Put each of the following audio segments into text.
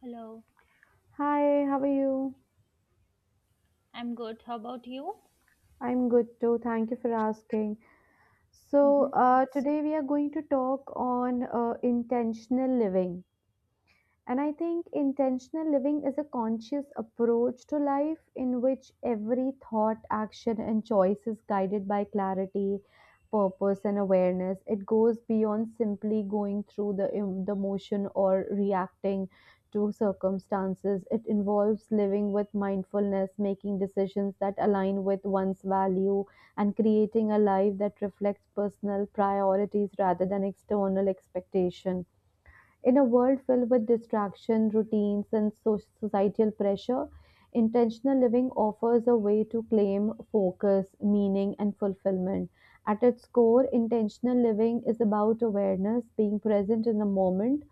Hello, Hi, how are you? I'm good. How about you? I'm good too. Thank you for asking. So, hmm uh, today we are going to talk on intentional living. And I think intentional living is a conscious approach to life in which every thought, action, and choice is guided by clarity, purpose, and awareness. It goes beyond simply going through the motion or reacting to circumstances. It involves living with mindfulness, making decisions that align with one's value, and creating a life that reflects personal priorities rather than external expectation. In a world filled with distraction, routines, and societal pressure, intentional living offers a way to claim focus, meaning, and fulfillment. At its core, intentional living is about awareness, being present in the moment,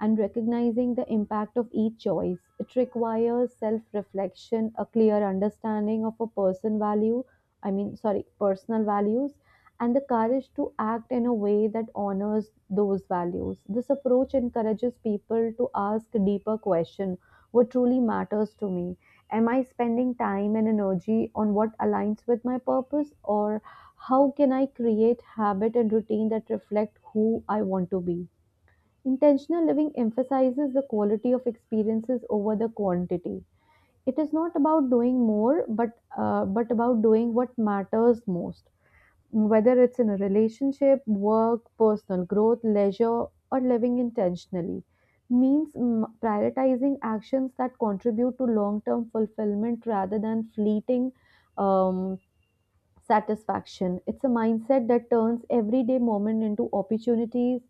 and recognizing the impact of each choice. It requires self reflection, a clear understanding of a person value, I mean, sorry, personal values, and the courage to act in a way that honors those values. This approach encourages people to ask deeper questions: what truly matters to me? Am I spending time and energy on what aligns with my purpose, or how can I create habit and routine that reflect who I want to be? Intentional living emphasizes the quality of experiences over the quantity. It is not about doing more, but about doing what matters most, whether it's in a relationship, work, personal growth, leisure, or living intentionally, means prioritizing actions that contribute to long term fulfillment rather than fleeting. Um, Satisfaction. It's a mindset that turns everyday moment into opportunities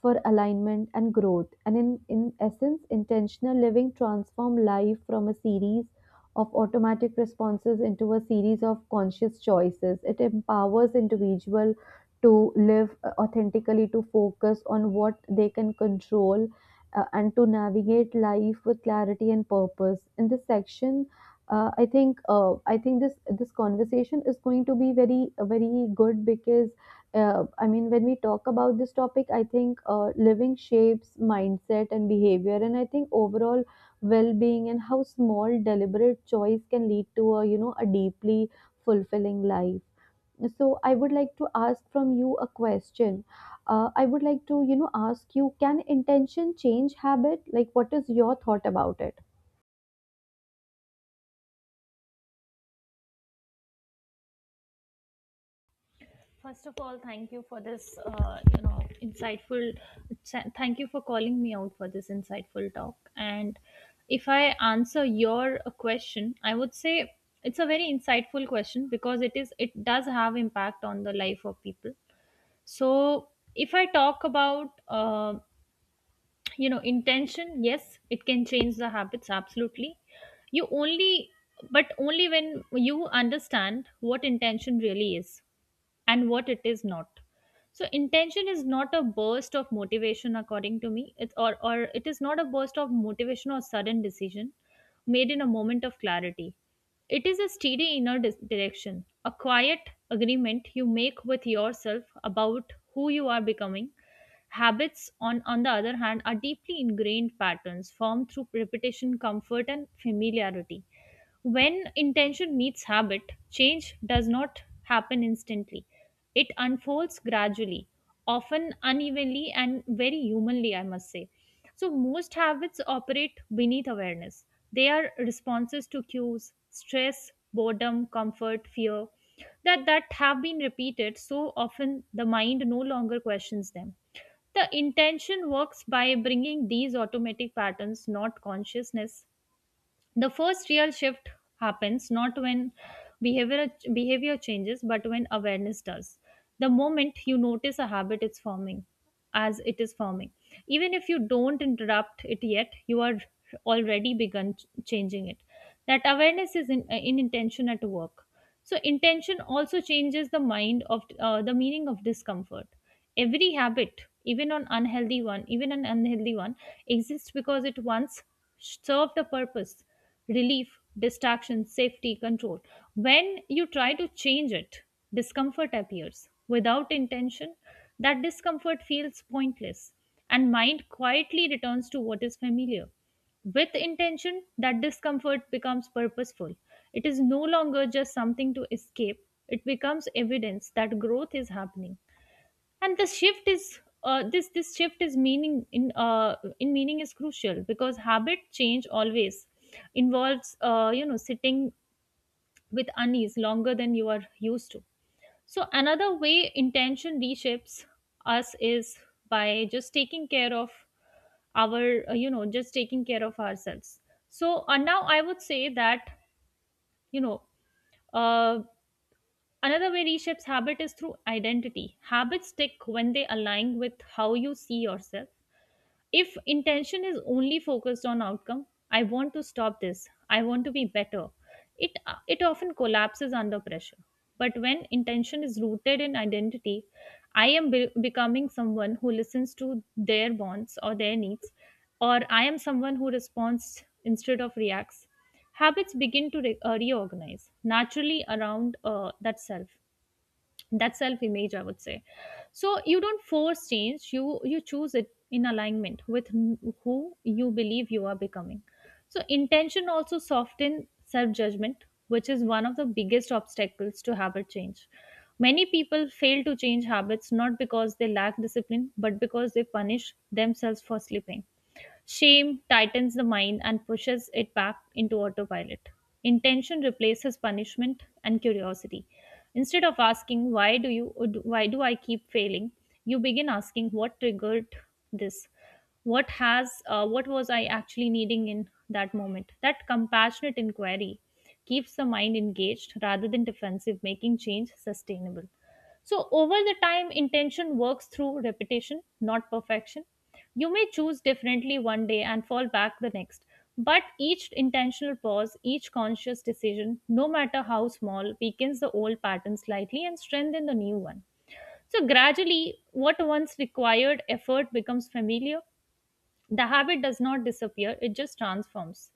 for alignment and growth. And in essence, intentional living transforms life from a series of automatic responses into a series of conscious choices. It empowers individual to live authentically, to focus on what they can control, and to navigate life with clarity and purpose. In this section, I think this conversation is going to be very very good because I mean, when we talk about this topic, I think living shapes mindset and behavior, and I think overall well-being, and how small deliberate choice can lead to a you know a deeply fulfilling life. So I would like to ask from you a question. I would like to ask you, can intention change habit? Like, what is your thought about it? First of all, thank you for this, insightful. Thank you for calling me out for this insightful talk. And if I answer your question, I would say it's a very insightful question because it does have impact on the life of people. So if I talk about intention, yes, it can change the habits absolutely. You only, but only when you understand what intention really is and what it is not. So intention is not a burst of motivation, according to me. It's or it is not a burst of motivation or sudden decision made in a moment of clarity. It is a steady inner direction, a quiet agreement you make with yourself about who you are becoming. Habits, on the other hand, are deeply ingrained patterns formed through repetition, comfort, and familiarity. When intention meets habit, change does not happen instantly. It unfolds gradually, often unevenly, and very humanly, I must say. So, most habits operate beneath awareness. They are responses to cues, stress, boredom, comfort, fear that have been repeated so often the mind no longer questions them. The intention works by bringing these automatic patterns, not consciousness, the first real shift happens not when behavior changes but when awareness does. The moment you notice a habit is forming as it is forming. Even if you don't interrupt it yet, you are already begun changing it. That awareness is in intention at work. So intention also changes the mind of the meaning of discomfort. Every habit, even an unhealthy one, exists because it once served a purpose, relief, distraction, safety, control. When you try to change it, discomfort appears. Without intention, that discomfort feels pointless, and mind quietly returns to what is familiar. With intention, that discomfort becomes purposeful. It is no longer just something to escape. It becomes evidence that growth is happening. And the shift is this this shift is meaning in meaning is crucial because habit change always involves sitting with unease longer than you are used to. So another way intention reshapes us is by just taking care of our just taking care of ourselves. So now I would say that you know uh, another way reshapes habit is through identity. Habits stick when they align with how you see yourself. If intention is only focused on outcome, I want to stop this, I want to be better, it, it often collapses under pressure. But when intention is rooted in identity, I am becoming someone who listens to their wants or their needs, or I am someone who responds instead of reacts, habits begin to reorganize naturally around that self, that self image, I would say. So you don't force change, you choose it in alignment with who you believe you are becoming. So intention also soften self judgment, which is one of the biggest obstacles to habit change. Many people fail to change habits not because they lack discipline but because they punish themselves for sleeping. Shame tightens the mind and pushes it back into autopilot. Intention replaces punishment and curiosity. Instead of asking why do I keep failing, you begin asking what triggered this. What has what was I actually needing in that moment? That compassionate inquiry keeps the mind engaged rather than defensive, making change sustainable. So, over the time, intention works through repetition, not perfection. You may choose differently one day and fall back the next, but each intentional pause, each conscious decision, no matter how small, weakens the old pattern slightly and strengthens the new one. So, gradually, what once required effort becomes familiar, the habit does not disappear, it just transforms.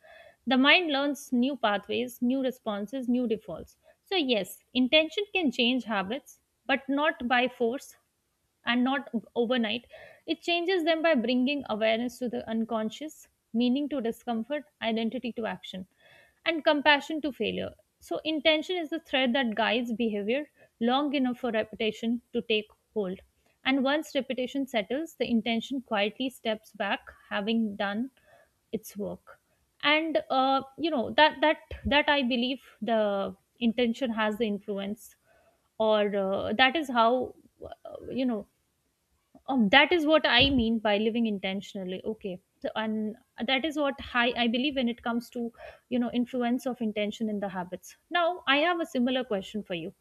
The mind learns new pathways, new responses, new defaults. So, yes, intention can change habits, but not by force, and not overnight. It changes them by bringing awareness to the unconscious, meaning to discomfort, identity to action, and compassion to failure. So, intention is the thread that guides behavior long enough for repetition to take hold. And once repetition settles, the intention quietly steps back, having done its work. And you know that that that I believe the intention has the influence, or that is how uh, you know that is what I mean by living intentionally. Okay. So, and that is what I believe when it comes to, you know, influence of intention in the habits. Now, I have a similar question for you.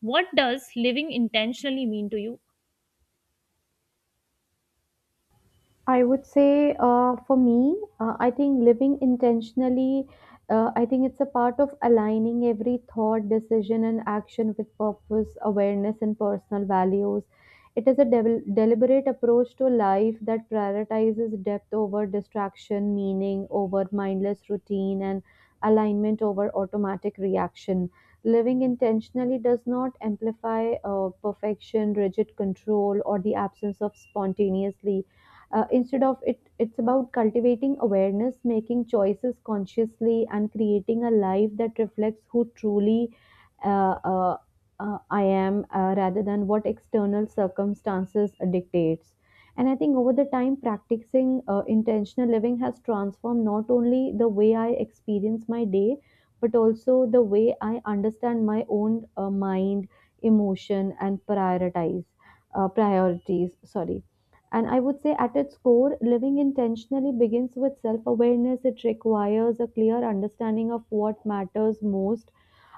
What does living intentionally mean to you? I would say for me, I think living intentionally, I think it's a part of aligning every thought, decision, and action with purpose, awareness, and personal values. It is a deliberate approach to life that prioritizes depth over distraction, meaning over mindless routine, and alignment over automatic reaction. Living intentionally does not amplify perfection, rigid control, or the absence of spontaneously instead of it, it's about cultivating awareness, making choices consciously, and creating a life that reflects who truly uh, uh, I am, rather than what external circumstances dictates. And I think over the time, practicing intentional living has transformed not only the way I experience my day, but also the way I understand my own mind, emotion, and prioritize priorities. Sorry, and I would say, at its core, living intentionally begins with self awareness. It requires a clear understanding of what matters most.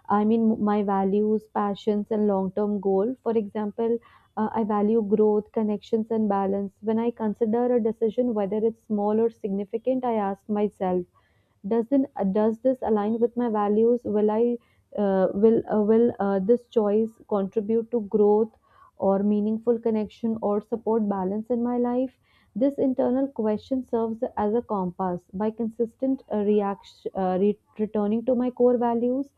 I mean, my values, passions, and long term goal. For example, I value growth, connections, and balance. When I consider a decision, whether it's small or significant, I ask myself, does this align with my values, will I will this choice contribute to growth, or meaningful connection, or support balance in my life? This internal question serves as a compass. By consistent returning to my core values,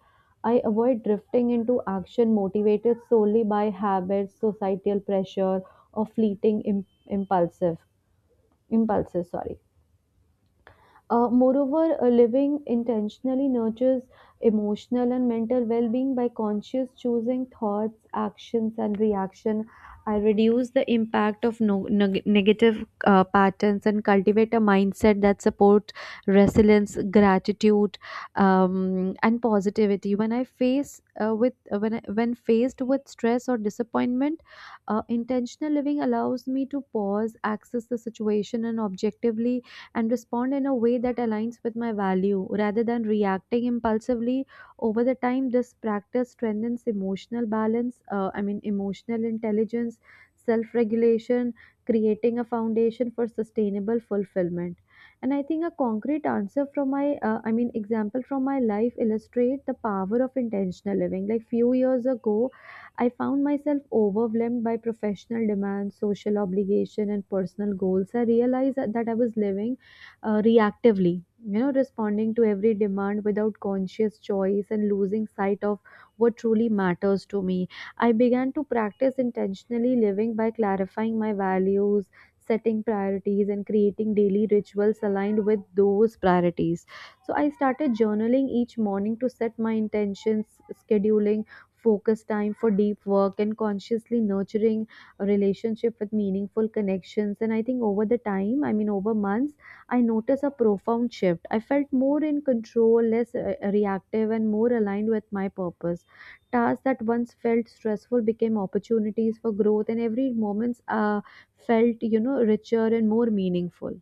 I avoid drifting into action motivated solely by habits, societal pressure, or fleeting impulsive impulses. Sorry. Moreover, living intentionally nurtures emotional and mental well being. By conscious choosing thoughts, actions, and reaction, I reduce the impact of negative patterns, and cultivate a mindset that supports resilience, gratitude, and positivity. When I face when faced with stress or disappointment, intentional living allows me to pause, access the situation, and objectively and respond in a way that aligns with my value rather than reacting impulsively. Over the time, this practice strengthens emotional balance, I mean emotional intelligence, self regulation, creating a foundation for sustainable fulfillment. And I think a concrete answer from my I mean example from my life illustrate the power of intentional living. Like, few years ago, I found myself overwhelmed by professional demands, social obligation, and personal goals. I realized that I was living reactively, responding to every demand without conscious choice, and losing sight of what truly matters to me. I began to practice intentionally living by clarifying my values, setting priorities, and creating daily rituals aligned with those priorities. So I started journaling each morning to set my intentions, scheduling focus time for deep work, and consciously nurturing a relationship with meaningful connections. And I think over the time, I mean over months, I noticed a profound shift. I felt more in control, less reactive, and more aligned with my purpose. Tasks that once felt stressful became opportunities for growth, and every moment felt, you know, richer and more meaningful.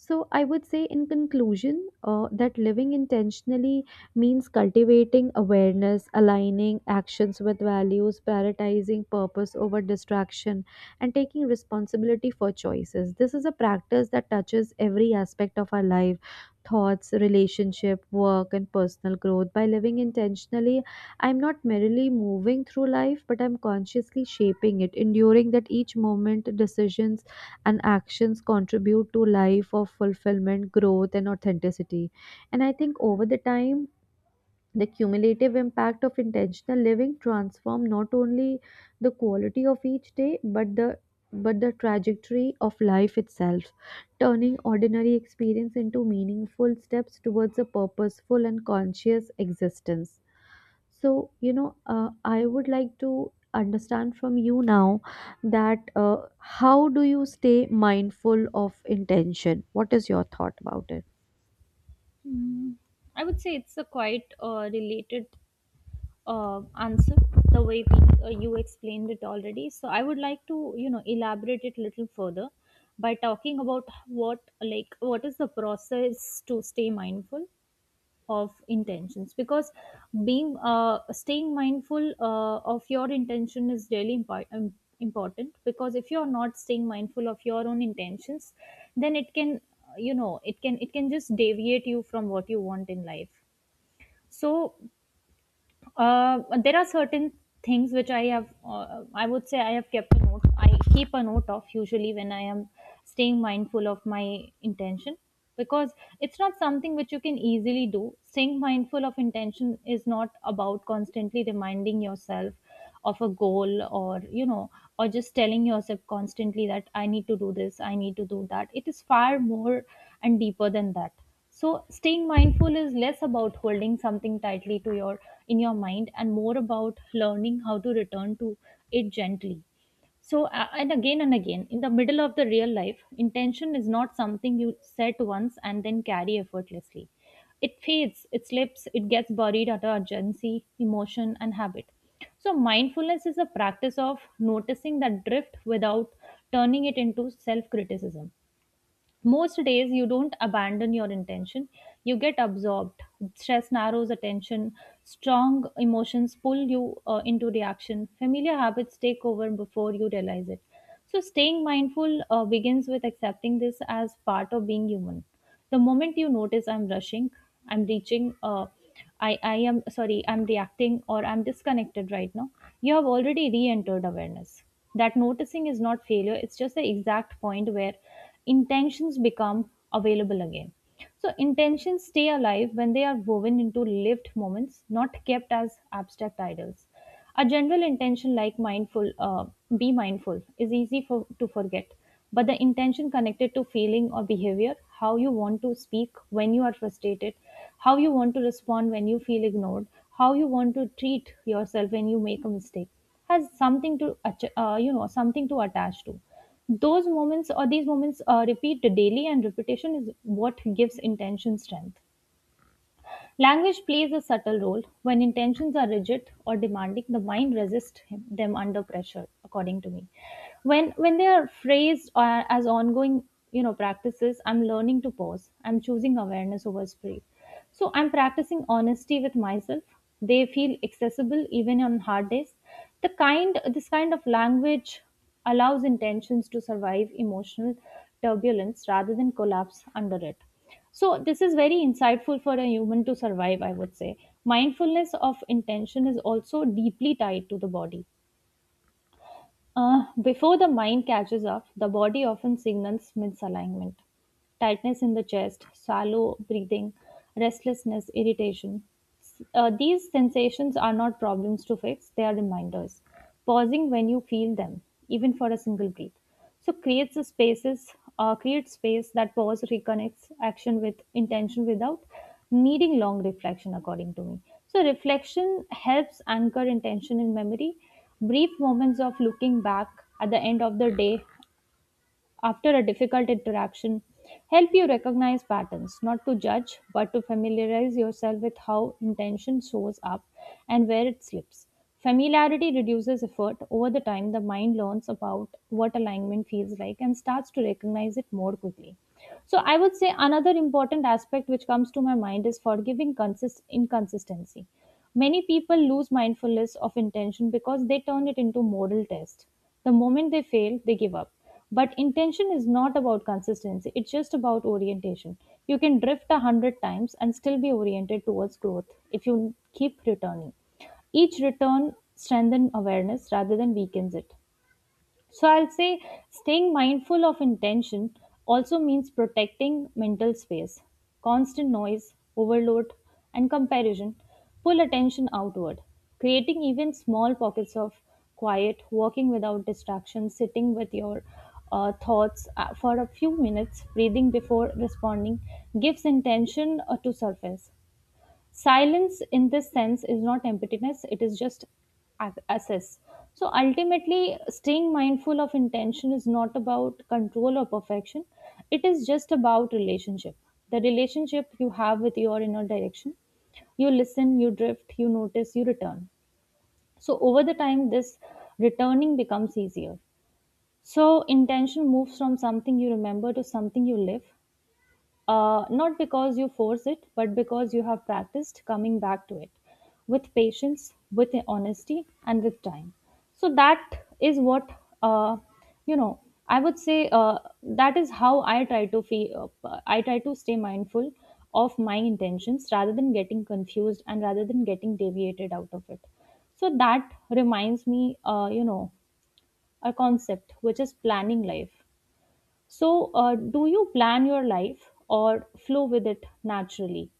So, I would say in conclusion that living intentionally means cultivating awareness, aligning actions with values, prioritizing purpose over distraction, and taking responsibility for choices. This is a practice that touches every aspect of our life: thoughts, relationship, work, and personal growth. By living intentionally, I'm not merely moving through life, but I'm consciously shaping it, enduring that each moment, decisions, and actions contribute to life of fulfillment, growth, and authenticity. And I think over the time, the cumulative impact of intentional living transform not only the quality of each day, but the trajectory of life itself, turning ordinary experience into meaningful steps towards a purposeful and conscious existence. So, you know, I would like to understand from you now that how do you stay mindful of intention? What is your thought about it? Hmm, I would say it's a quite related answer, the way you explained it already. So I would like to, you know, elaborate it little further by talking about what, like, what is the process to stay mindful of intentions, because being staying mindful of your intention is really important, because if you're not staying mindful of your own intentions, then it can it can just deviate you from what you want in life. So there are certain things which I have, I would say I have kept a note. I keep a note of usually when I am staying mindful of my intention, because it's not something which you can easily do. Staying mindful of intention is not about constantly reminding yourself of a goal or, you know, or just telling yourself constantly that I need to do this, I need to do that. It is far more and deeper than that. So staying mindful is less about holding something tightly to your in your mind and more about learning how to return to it gently. So and again in the middle of the real life, intention is not something you set once and then carry effortlessly. It fades, it slips, it gets buried under urgency, emotion, and habit. So mindfulness is a practice of noticing that drift without turning it into self criticism. Most days, you don't abandon your intention, you get absorbed. Stress narrows attention, strong emotions pull you into reaction, familiar habits take over before you realize it. So, staying mindful begins with accepting this as part of being human. The moment you notice I'm rushing, I'm reaching uh, I am sorry I'm reacting or I'm disconnected right now, you have already re-entered awareness. That noticing is not failure, it's just the exact point where intentions become available again. So intentions stay alive when they are woven into lived moments, not kept as abstract ideals. A general intention like be mindful, is easy to forget. But the intention connected to feeling or behavior, how you want to speak when you are frustrated, how you want to respond when you feel ignored, how you want to treat yourself when you make a mistake, has something to something to attach to. Those moments or these moments repeat daily, and repetition is what gives intention strength. Language plays a subtle role. When intentions are rigid or demanding, the mind resists them under pressure, according to me. When they are phrased as ongoing, you know, practices, I'm learning to pause. I'm choosing awareness over speed. So I'm practicing honesty with myself. They feel accessible even on hard days. The kind this kind of language allows intentions to survive emotional turbulence rather than collapse under it. So, this is very insightful for a human to survive, I would say. Mindfulness of intention is also deeply tied to the body. Before the mind catches up, the body often signals misalignment, tightness in the chest, shallow breathing, restlessness, irritation. These sensations are not problems to fix, they are reminders. Pausing when you feel them, even for a single breath. So creates a spaces, creates space. That pause reconnects action with intention without needing long reflection, according to me. So reflection helps anchor intention in memory. Brief moments of looking back at the end of the day after a difficult interaction help you recognize patterns, not to judge, but to familiarize yourself with how intention shows up and where it slips. Familiarity reduces effort. Over the time, the mind learns about what alignment feels like and starts to recognize it more quickly. So, I would say another important aspect which comes to my mind is forgiving inconsistency. Many people lose mindfulness of intention because they turn it into moral test. The moment they fail, they give up. But intention is not about consistency, it's just about orientation. You can drift 100 times and still be oriented towards growth if you keep returning. Each return strengthens awareness rather than weakens it. So I'll say staying mindful of intention also means protecting mental space. Constant noise, overload, and comparison pull attention outward, creating even small pockets of quiet, walking without distractions, sitting with your thoughts for a few minutes, breathing before responding, gives intention to surface. Silence in this sense is not emptiness, it is just access. So ultimately, staying mindful of intention is not about control or perfection, it is just about relationship, the relationship you have with your inner direction. You listen, you drift, you notice, you return. So over the time, this returning becomes easier. So intention moves from something you remember to something you live, not because you force it, but because you have practiced coming back to it with patience, with honesty, and with time. So that is what uh, you know. I would say, that is how I try to feel. I try to stay mindful of my intentions rather than getting confused and rather than getting deviated out of it. So that reminds me, a concept which is planning life. So, do you plan your life or flow with it naturally?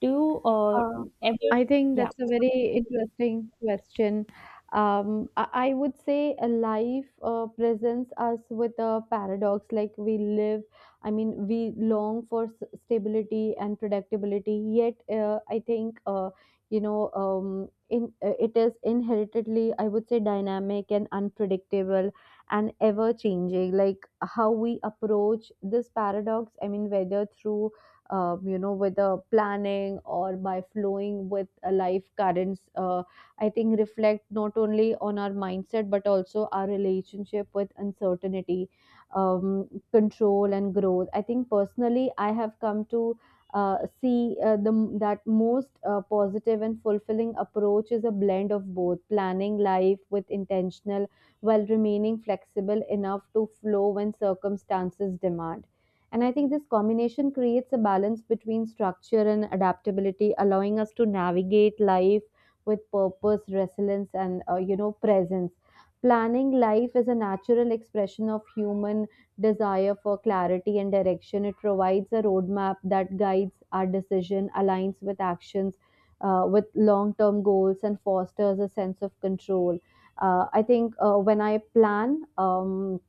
Do you Uh, ever? I think Yeah. that's a very interesting question. I would say a life presents us with a paradox. Like, we live, I mean, we long for stability and predictability. Yet, I think you know, in it is inheritedly, I would say, dynamic and unpredictable and ever changing. Like, how we approach this paradox. I mean, whether through with a planning, or by flowing with a life currents, I think reflect not only on our mindset but also our relationship with uncertainty, control, and growth. I think personally, I have come to see the that most positive and fulfilling approach is a blend of both: planning life with intentional while remaining flexible enough to flow when circumstances demand. And I think this combination creates a balance between structure and adaptability, allowing us to navigate life with purpose, resilience, and presence. Planning life is a natural expression of human desire for clarity and direction. It provides a roadmap that guides our decision, aligns with actions, with long-term goals, and fosters a sense of control. I think when I plan.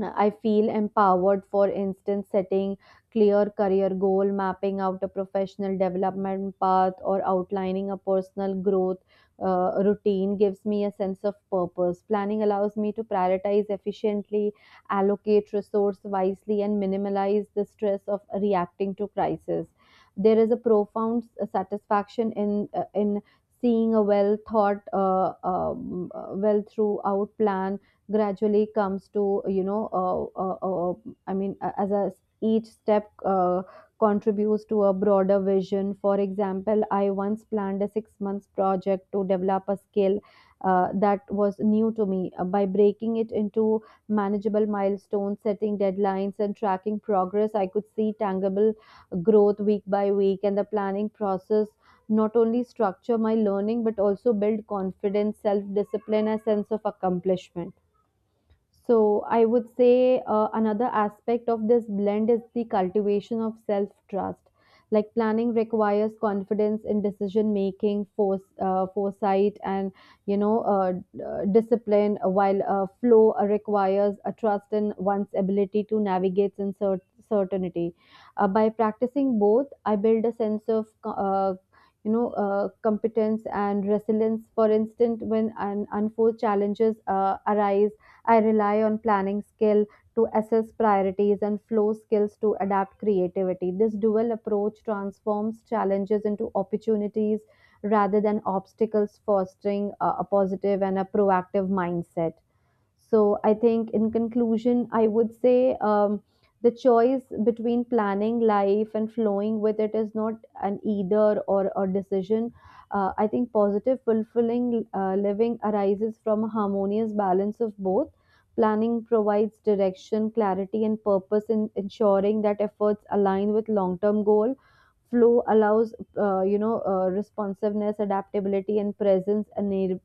I feel empowered, for instance, setting clear career goal, mapping out a professional development path, or outlining a personal growth routine gives me a sense of purpose. Planning allows me to prioritize efficiently, allocate resource wisely, and minimize the stress of reacting to crisis. There is a profound satisfaction in seeing a well throughout plan gradually comes to I mean as a, each step contributes to a broader vision. For example, I once planned a 6 months project to develop a skill that was new to me. By breaking it into manageable milestones, setting deadlines, and tracking progress, I could see tangible growth week by week. And the planning process not only structure my learning but also build confidence, self discipline, a sense of accomplishment. So, I would say another aspect of this blend is the cultivation of self trust. Like, planning requires confidence in decision making, force, foresight, and discipline. While flow requires a trust in one's ability to navigate in certainty. By practicing both, I build a sense of competence and resilience. For instance, when an unforced challenges arise, I rely on planning skill to assess priorities, and flow skills to adapt creativity. This dual approach transforms challenges into opportunities rather than obstacles, fostering a positive and a proactive mindset. So I think, in conclusion, I would say the choice between planning life and flowing with it is not an either or a decision. I think positive, fulfilling living arises from a harmonious balance of both. Planning provides direction, clarity, and purpose in ensuring that efforts align with long-term goal. Flow allows, responsiveness, adaptability, and presence,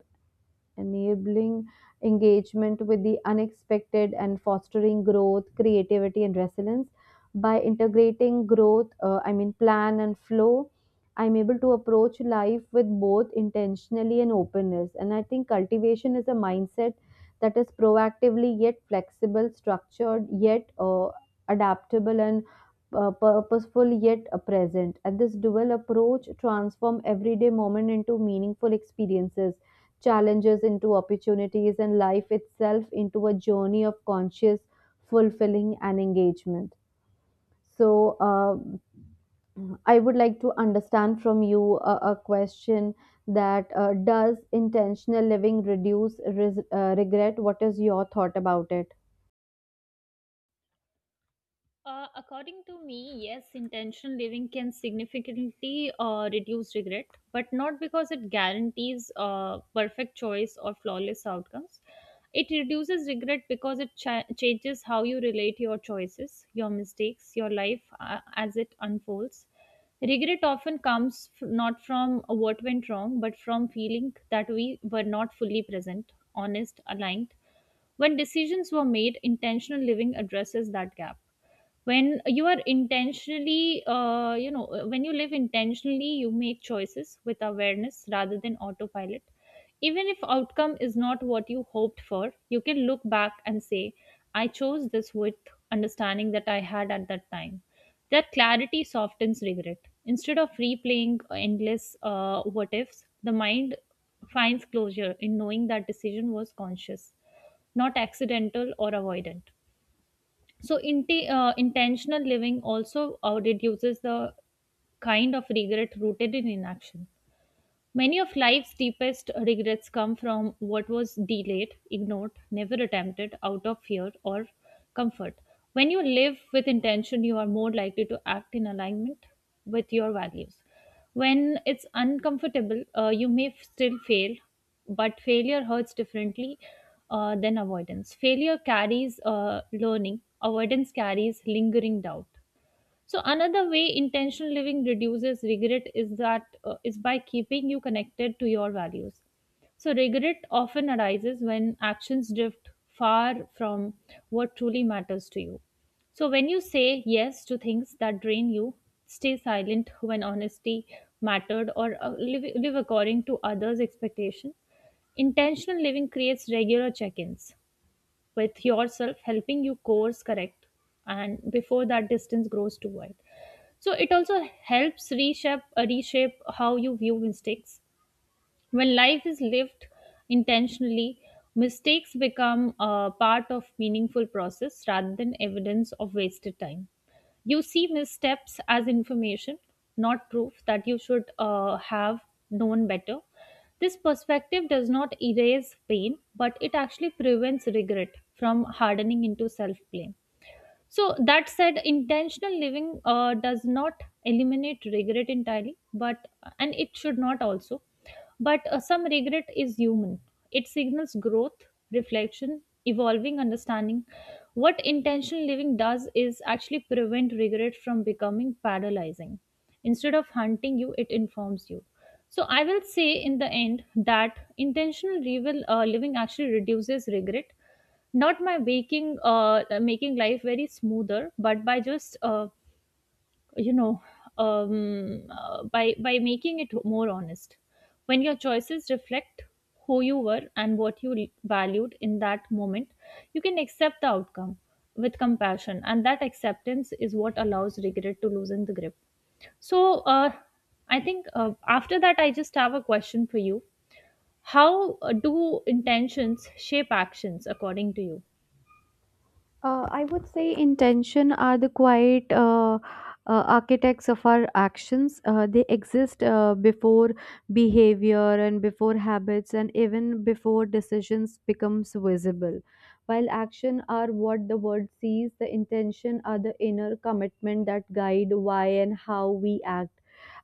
enabling engagement with the unexpected and fostering growth, creativity, and resilience. By integrating growth, I mean plan and flow, I'm able to approach life with both intentionally and openness. And I think cultivation is a mindset that is proactively yet flexible, structured yet adaptable, and purposeful yet present. And this dual approach transform everyday moment into meaningful experiences challenges into opportunities, and life itself into a journey of conscious, fulfilling, and engagement. So, I would like to understand from you a question that does intentional living reduce regret? What is your thought about it? According to me, yes, intentional living can significantly reduce regret, but not because it guarantees perfect choice or flawless outcomes. It reduces regret because it changes how you relate your choices, your mistakes, your life as it unfolds. Regret often comes not from what went wrong, but from feeling that we were not fully present, honest, aligned when decisions were made. Intentional living addresses that gap. When you are intentionally when you live intentionally, you make choices with awareness rather than autopilot. Even if outcome is not what you hoped for, you can look back and say, I chose this with understanding that I had at that time. That clarity softens regret. Instead of replaying endless what ifs, the mind finds closure in knowing that decision was conscious, not accidental or avoidant. So intentional living also reduces the kind of regret rooted in inaction. Many of life's deepest regrets come from what was delayed, ignored, never attempted out of fear or comfort. When you live with intention, you are more likely to act in alignment with your values. When it's uncomfortable, you may still fail, but failure hurts differently than avoidance. Failure carries learning, avoidance carries lingering doubt. So another way intentional living reduces regret is that is by keeping you connected to your values. So regret often arises when actions drift far from what truly matters to you. So when you say yes to things that drain you, stay silent when honesty mattered, or live according to others' expectations. Intentional living creates regular check-ins with yourself, helping you course correct and before that distance grows too wide. So it also helps reshape how you view mistakes. When life is lived intentionally, mistakes become a part of meaningful process rather than evidence of wasted time. You see missteps as information, not proof that you should have known better. This perspective does not erase pain, but it actually prevents regret from hardening into self blame. So, that said, intentional living does not eliminate regret entirely, but and it should not also. But some regret is human. It signals growth, reflection, evolving understanding. What intentional living does is actually prevent regret from becoming paralyzing. Instead of hunting you, it informs you. So, I will say in the end that living actually reduces regret, not my making making life very smoother, but by just you know by making it more honest. When your choices reflect who you were and what you valued in that moment, you can accept the outcome with compassion, and that acceptance is what allows regret to loosen the grip. So I think, after that, I just have a question for you. How do intentions shape actions according to you? I would say intention are the quiet architects of our actions. They exist before behavior and before habits and even before decisions becomes visible. While action are what the world sees, the intention are the inner commitment that guide why and how we act.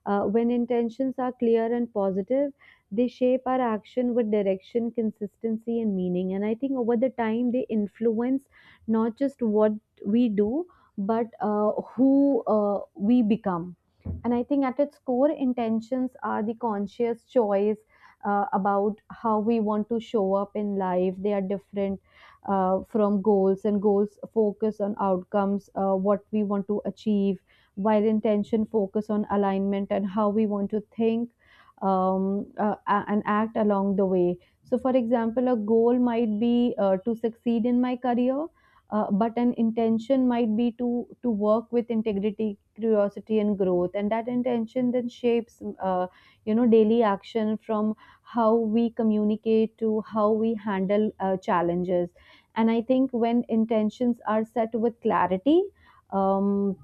When intentions are clear and positive, they shape our action with direction, consistency, and meaning. And I think over the time, they influence not just what we do, but who we become. And I think at its core, intentions are the conscious choice about how we want to show up in life. They are different from goals, and goals focus on outcomes, what we want to achieve while intention focus on alignment and how we want to think and act along the way. So for example, a goal might be to succeed in my career, but an intention might be to work with integrity, curiosity, and growth. And that intention then shapes daily action, from how we communicate to how we handle challenges. And I think when intentions are set with clarity, um,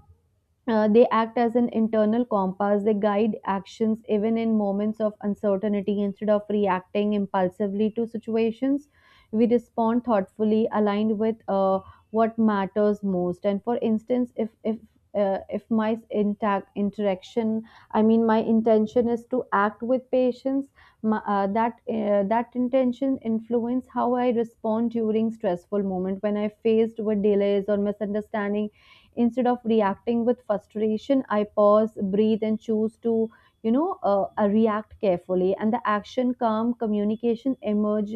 they act as an internal compass. They guide actions even in moments of uncertainty. Instead of reacting impulsively to situations, we respond thoughtfully, aligned with what matters most. And for instance, if my intact interaction, I mean, my intention is to act with patience. My, that That intention influence how I respond during stressful moment when I faced with delays or misunderstanding. Instead of reacting with frustration, I pause, breathe, and choose to, react carefully. And the action, calm communication emerge,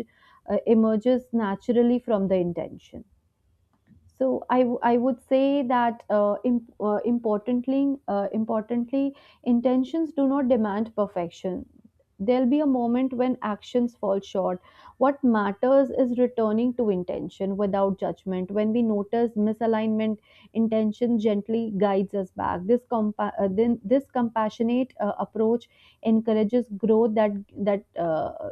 uh, emerges naturally from the intention. I would say that importantly, intentions do not demand perfection. There'll be a moment when actions fall short. What matters is returning to intention without judgment. When we notice misalignment, intention gently guides us back. This compassionate approach encourages growth that that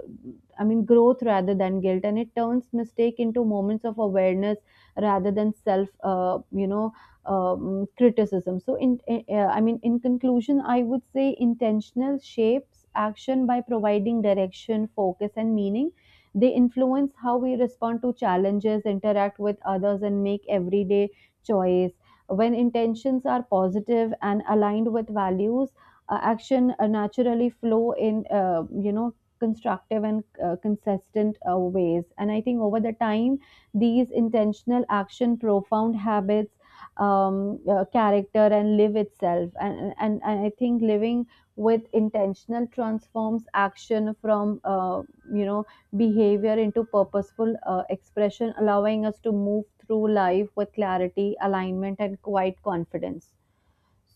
I mean growth rather than guilt, and it turns mistake into moments of awareness rather than self criticism. So in I mean, in conclusion, I would say intentional shapes action by providing direction, focus, and meaning. They influence how we respond to challenges, interact with others, and make everyday choice. When intentions are positive and aligned with values, action naturally flow in constructive and consistent ways. And I think over the time, these intentional action profound habits, character, and live itself. And I think living with intentional transforms action from you know behavior into purposeful expression, allowing us to move through life with clarity, alignment, and quiet confidence.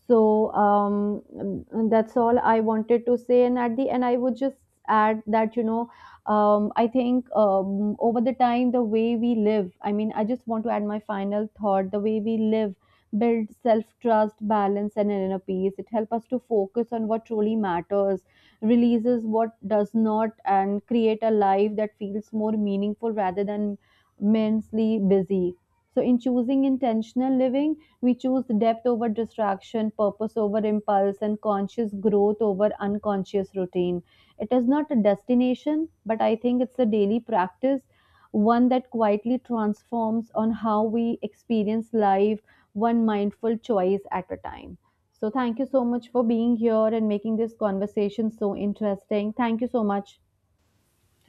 So that's all I wanted to say. And at the end, I would just add that, I think over the time, the way we live, I mean, I just want to add my final thought. The way we live build self-trust, balance, and inner peace. It helps us to focus on what truly matters, releases what does not, and create a life that feels more meaningful rather than immensely busy. So in choosing intentional living, we choose depth over distraction, purpose over impulse, and conscious growth over unconscious routine. It is not a destination, but I think it's a daily practice, one that quietly transforms on how we experience life, one mindful choice at a time. So, thank you so much for being here and making this conversation so interesting. Thank you so much.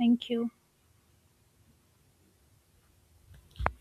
Thank you.